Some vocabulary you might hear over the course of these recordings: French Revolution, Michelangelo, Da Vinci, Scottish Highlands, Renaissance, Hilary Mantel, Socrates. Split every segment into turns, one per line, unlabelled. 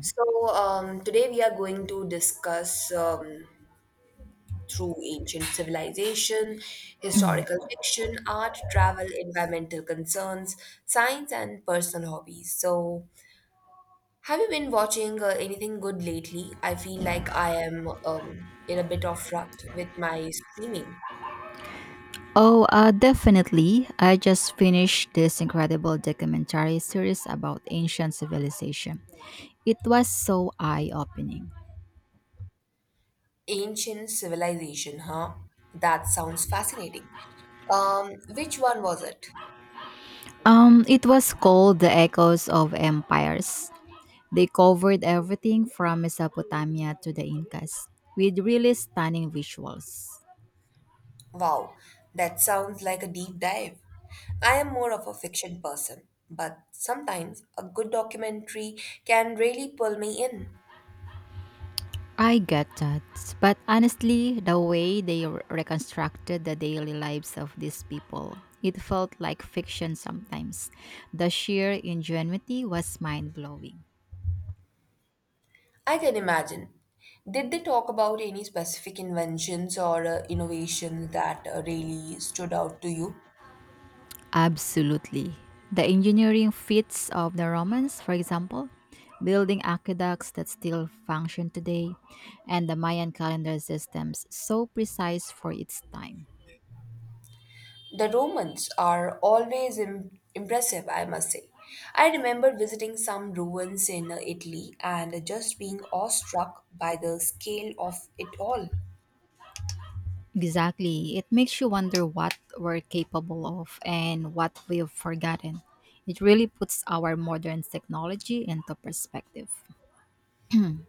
Today we are going to discuss through ancient civilization, historical fiction, art, travel, environmental concerns, science, and personal hobbies. So, have you been watching anything good lately? I feel like I am in a bit of rut with my streaming.
Oh, definitely. I just finished this incredible documentary series about ancient civilization. It was so eye-opening.
Ancient civilization, huh? That sounds fascinating. Which one was it?
It was called The Echoes of Empires. They covered everything from Mesopotamia to the Incas with really stunning visuals.
Wow, that sounds like a deep dive. I am more of a fiction person, but sometimes a good documentary can really pull me in.
I get that. But honestly, the way they reconstructed the daily lives of these people, it felt like fiction sometimes. The sheer ingenuity was mind blowing.
I can imagine. Did they talk about any specific inventions or innovations that really stood out to you?
Absolutely. The engineering feats of the Romans, for example, building aqueducts that still function today, and the Mayan calendar systems, so precise for its time.
The Romans are always impressive, I must say. I remember visiting some ruins in Italy and just being awestruck by the scale of it all.
Exactly. It makes you wonder what we're capable of and what we've forgotten. It really puts our modern technology into perspective.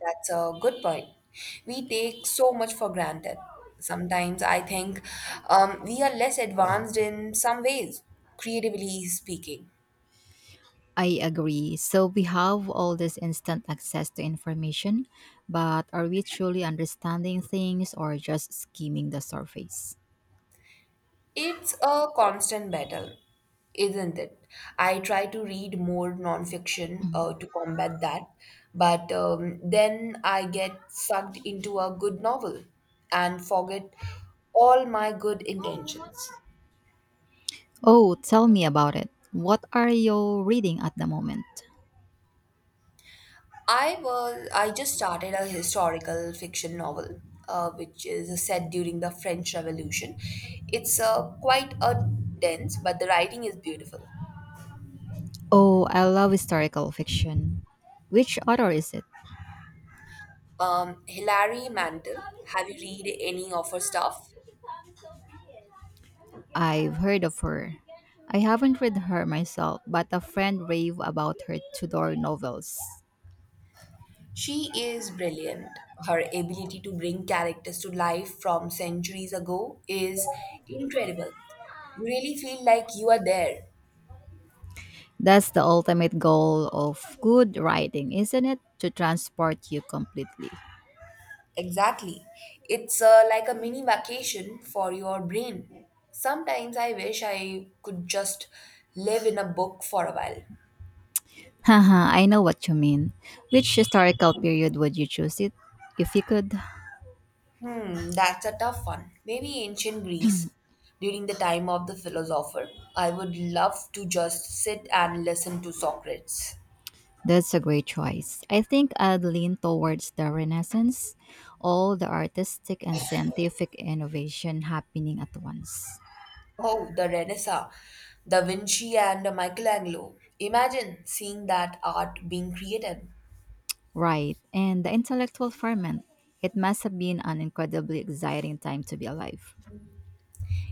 That's a good point. We take so much for granted. Sometimes I think we are less advanced in some ways, creatively speaking.
I agree. So we have all this instant access to information, but are we truly understanding things or just skimming the surface?
It's a constant battle, isn't it? I try to read more nonfiction to combat that, but then I get sucked into a good novel and forget all my good intentions.
Oh, tell me about it. What are you reading at the moment?
I just started a historical fiction novel, which is set during the French Revolution. It's quite a dense, but the writing is beautiful.
Oh, I love historical fiction. Which author is it?
Hilary Mantel, have you read any of her stuff?
I've heard of her. I haven't read her myself, but a friend raved about her Tudor novels.
She is brilliant. Her ability to bring characters to life from centuries ago is incredible. You really feel like you are there.
That's the ultimate goal of good writing, isn't it? To transport you completely.
Exactly. It's like a mini vacation for your brain. Sometimes I wish I could just live in a book for a while.
Haha, I know what you mean. Which historical period would you choose it if you could?
Hmm, that's a tough one. Maybe ancient Greece during the time of the philosopher. I would love to just sit and listen to Socrates.
That's a great choice. I think I'd lean towards the Renaissance, all the artistic and scientific innovation happening at once.
Oh, the Renaissance, Da Vinci and Michelangelo. Imagine seeing that art being created.
Right, and the intellectual ferment. It must have been an incredibly exciting time to be alive.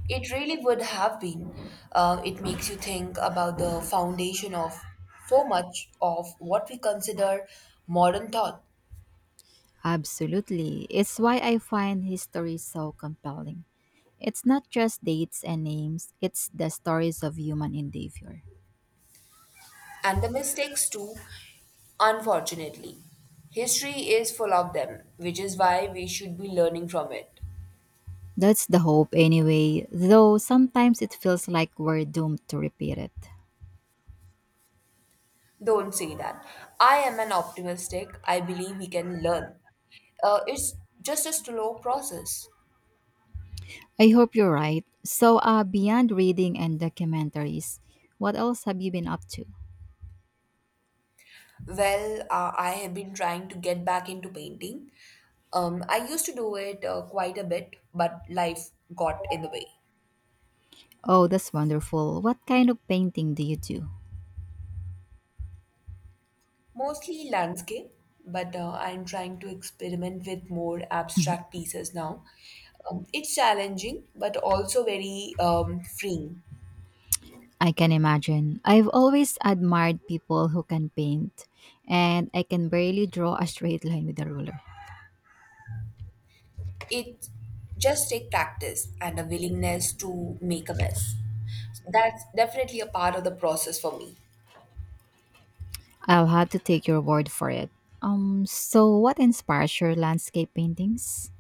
It really would have been. It makes you think about the foundation of so much of what we consider modern thought
Absolutely. It's why I find history so compelling. It's not just dates and names, it's the stories of human endeavor.
and the mistakes too, unfortunately. History is full of them, which is why we should be learning from it.
That's the hope, anyway, though sometimes it feels like we're doomed to repeat it.
Don't say that. I am an optimistic. I believe we can learn. It's just a slow process.
I hope you're right. So, beyond reading and documentaries, what else have you been up to?
Well, I have been trying to get back into painting. I used to do it quite a bit, but life got in the way.
Oh, that's wonderful. What kind of painting do you do?
Mostly landscape, but I'm trying to experiment with more abstract pieces now. It's challenging, but also very freeing.
I can imagine. I've always admired people who can paint, and I can barely draw a straight line with a ruler.
It just take practice and a willingness to make a mess. That's definitely a part of the process for me.
I'll have to take your word for it. So what inspires your landscape paintings?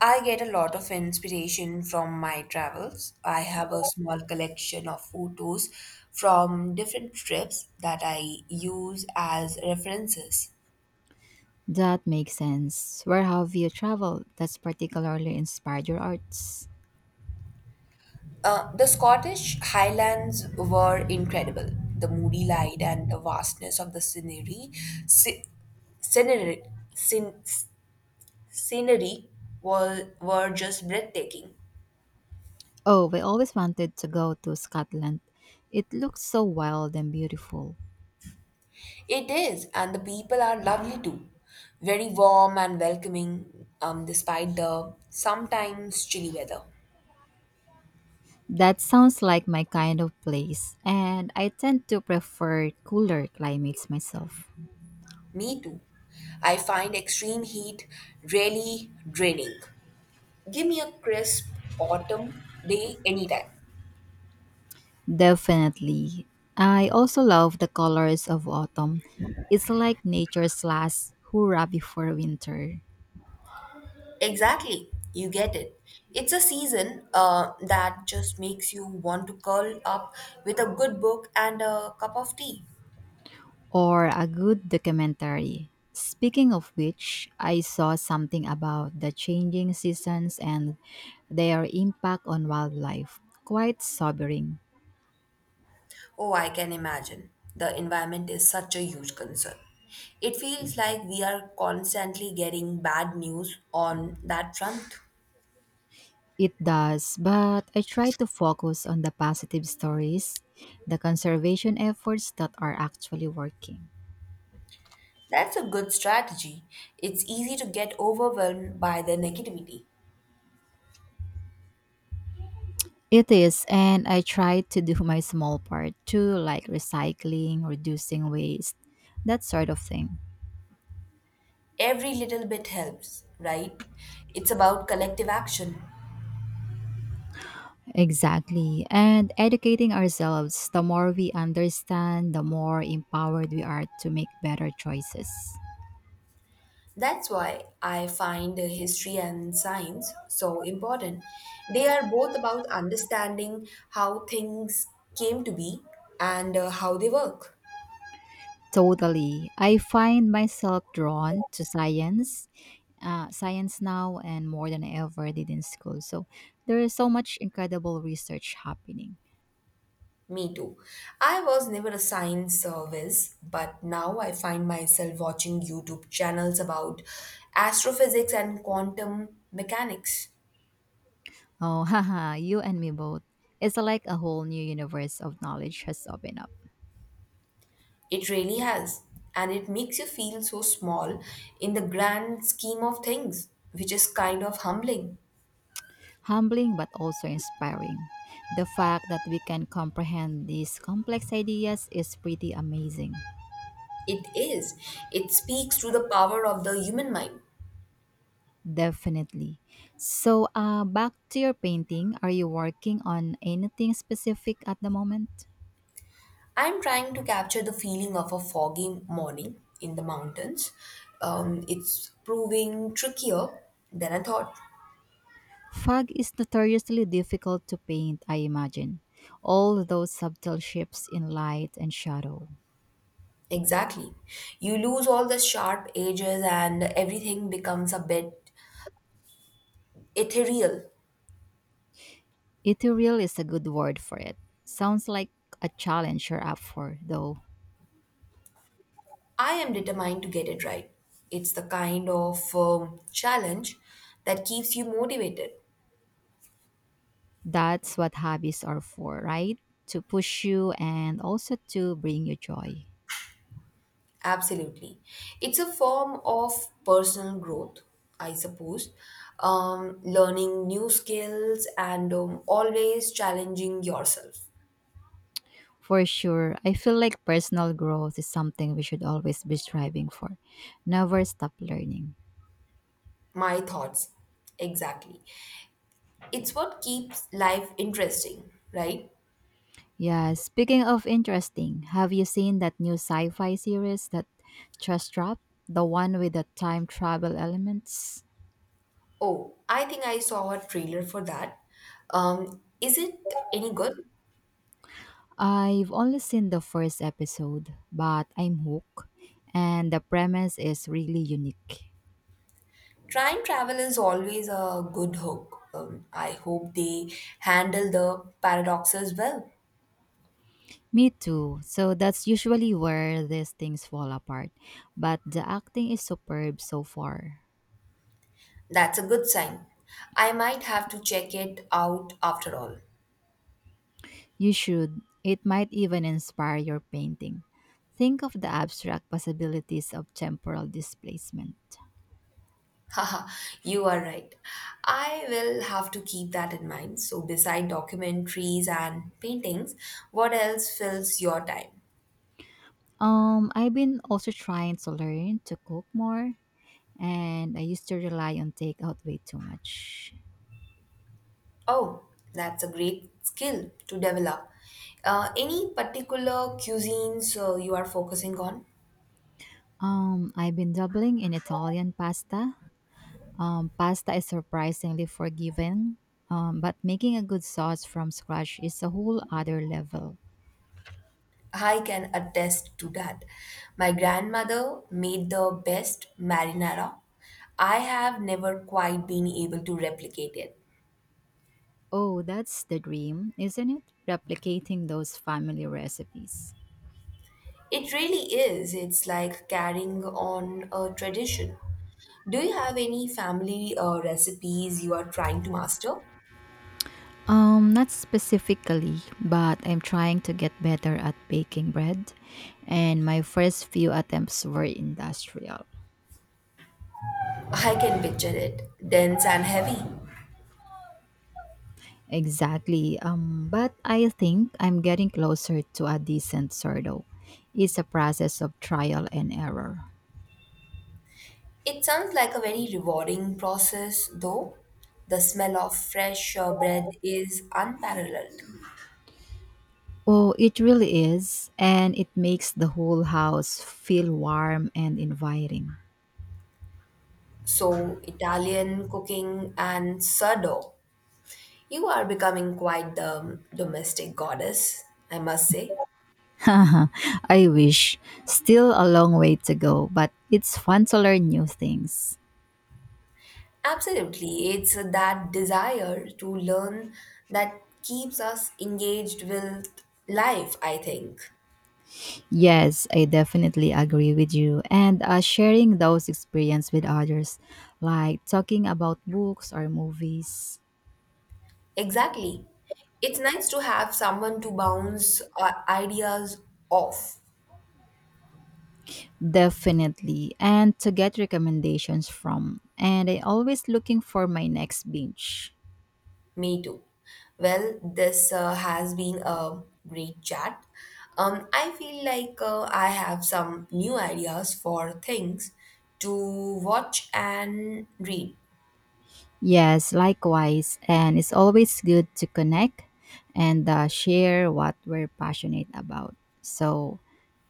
I get a lot of inspiration from my travels. I have a small collection of photos from different trips that I use as references.
That makes sense. Where have you traveled that's particularly inspired your arts?
The Scottish Highlands were incredible. The moody light and the vastness of the scenery, sce- scenery, scen- scenery were just breathtaking.
Oh, we always wanted to go to Scotland. It looks so wild and beautiful.
It is, and the people are lovely too. Very warm and welcoming, despite the sometimes chilly weather.
That sounds like my kind of place, and I tend to prefer cooler climates myself.
Me too. I find extreme heat really draining. Give me a crisp autumn day anytime.
Definitely. I also love the colors of autumn. It's like nature's last hurrah before winter.
Exactly, you get it. It's a season that just makes you want to curl up with a good book and a cup of tea.
Or a good documentary. Speaking of which, I saw something about the changing seasons and their impact on wildlife. Quite sobering.
Oh, I can imagine. The environment is such a huge concern. It feels like we are constantly getting bad news on that front.
It does, but I try to focus on the positive stories, the conservation efforts that are actually working.
That's a good strategy. It's easy to get overwhelmed by the negativity.
It is, and I try to do my small part too, like recycling, reducing waste, that sort of thing.
Every little bit helps, right? It's about collective action.
Exactly. And educating ourselves, the more we understand, the more empowered we are to make better choices.
That's why I find history and science so important. They are both about understanding how things came to be and how they work.
Totally. I find myself drawn to science, science now and more than I ever did in school. So there is so much incredible research happening.
Me too. I was never a science service, but now I find myself watching YouTube channels about astrophysics and quantum mechanics.
Oh, haha, you and me both. It's like a whole new universe of knowledge has opened up.
It really has. And it makes you feel so small in the grand scheme of things, which is kind of humbling.
Humbling but also inspiring. The fact that we can comprehend these complex ideas is pretty amazing.
It is. It speaks to the power of the human mind.
Definitely. So, back to your painting. Are you working on anything specific at the moment?
I'm trying to capture the feeling of a foggy morning in the mountains. It's proving trickier than I thought.
Fog is notoriously difficult to paint, I imagine. All those subtle shifts in light and shadow.
Exactly. You lose all the sharp edges and everything becomes a bit ethereal.
Ethereal is a good word for it. Sounds like a challenge you're up for, though.
I am determined to get it right. It's the kind of challenge that keeps you motivated.
That's what hobbies are for, right? To push you and also to bring you joy.
Absolutely. It's a form of personal growth, I suppose. Learning new skills and always challenging yourself.
For sure, I feel like personal growth is something we should always be striving for. Never stop learning.
My thoughts. Exactly. It's what keeps life interesting, right?
Yeah, speaking of interesting, have you seen that new sci fi series that just dropped? The one with the time travel elements?
Oh, I think I saw a trailer for that. Is it any good?
I've only seen the first episode, but I'm hooked, and the premise is really unique.
Time travel is always a good hook. I hope they handle the paradoxes well.
Me too. So that's usually where these things fall apart, but the acting is superb so far.
That's a good sign. I might have to check it out after all.
You should. It might even inspire your painting. Think of the abstract possibilities of temporal displacement.
Haha, you are right. I will have to keep that in mind. So, beside documentaries and paintings, what else fills your time?
I've been also trying to learn to cook more, and I used to rely on takeout way too much.
Oh, that's a great skill to develop. Any particular cuisines you are focusing on?
I've been dabbling in Italian pasta. Pasta is surprisingly forgiving, but making a good sauce from scratch is a whole other level.
I can attest to that. My grandmother made the best marinara. I have never quite been able to replicate it.
Oh, that's the dream, isn't it? Replicating those family recipes.
It really is. It's like carrying on a tradition. Do you have any family recipes you are trying to master?
Not specifically, but I'm trying to get better at baking bread, and my first few attempts were industrial.
I can picture it. Dense and heavy.
Exactly. But I think I'm getting closer to a decent sourdough. It's a process of trial and error.
It sounds like a very rewarding process, though. The smell of fresh bread is unparalleled.
Oh, it really is, and it makes the whole house feel warm and inviting.
So, Italian cooking and sourdough. You are becoming quite the domestic goddess, I must say.
I wish. Still a long way to go, but it's fun to learn new things.
Absolutely. It's that desire to learn that keeps us engaged with life, I think.
Yes, I definitely agree with you. And sharing those experiences with others, like talking about books or movies.
Exactly. It's nice to have someone to bounce ideas off.
Definitely, and to get recommendations from. And I always looking for my next binge.
Me too. Well, this has been a great chat. I feel like I have some new ideas for things to watch and read.
Yes, likewise, and it's always good to connect and share what we're passionate about. So,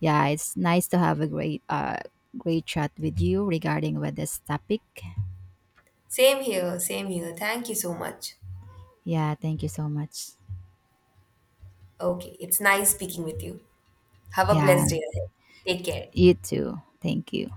yeah, it's nice to have a great chat with you regarding with this topic.
Same here, same here. Thank you so much.
Yeah, thank you so much.
Okay, it's nice speaking with you. Have a
Yeah,
blessed day ahead. Take care.
you too. Thank you.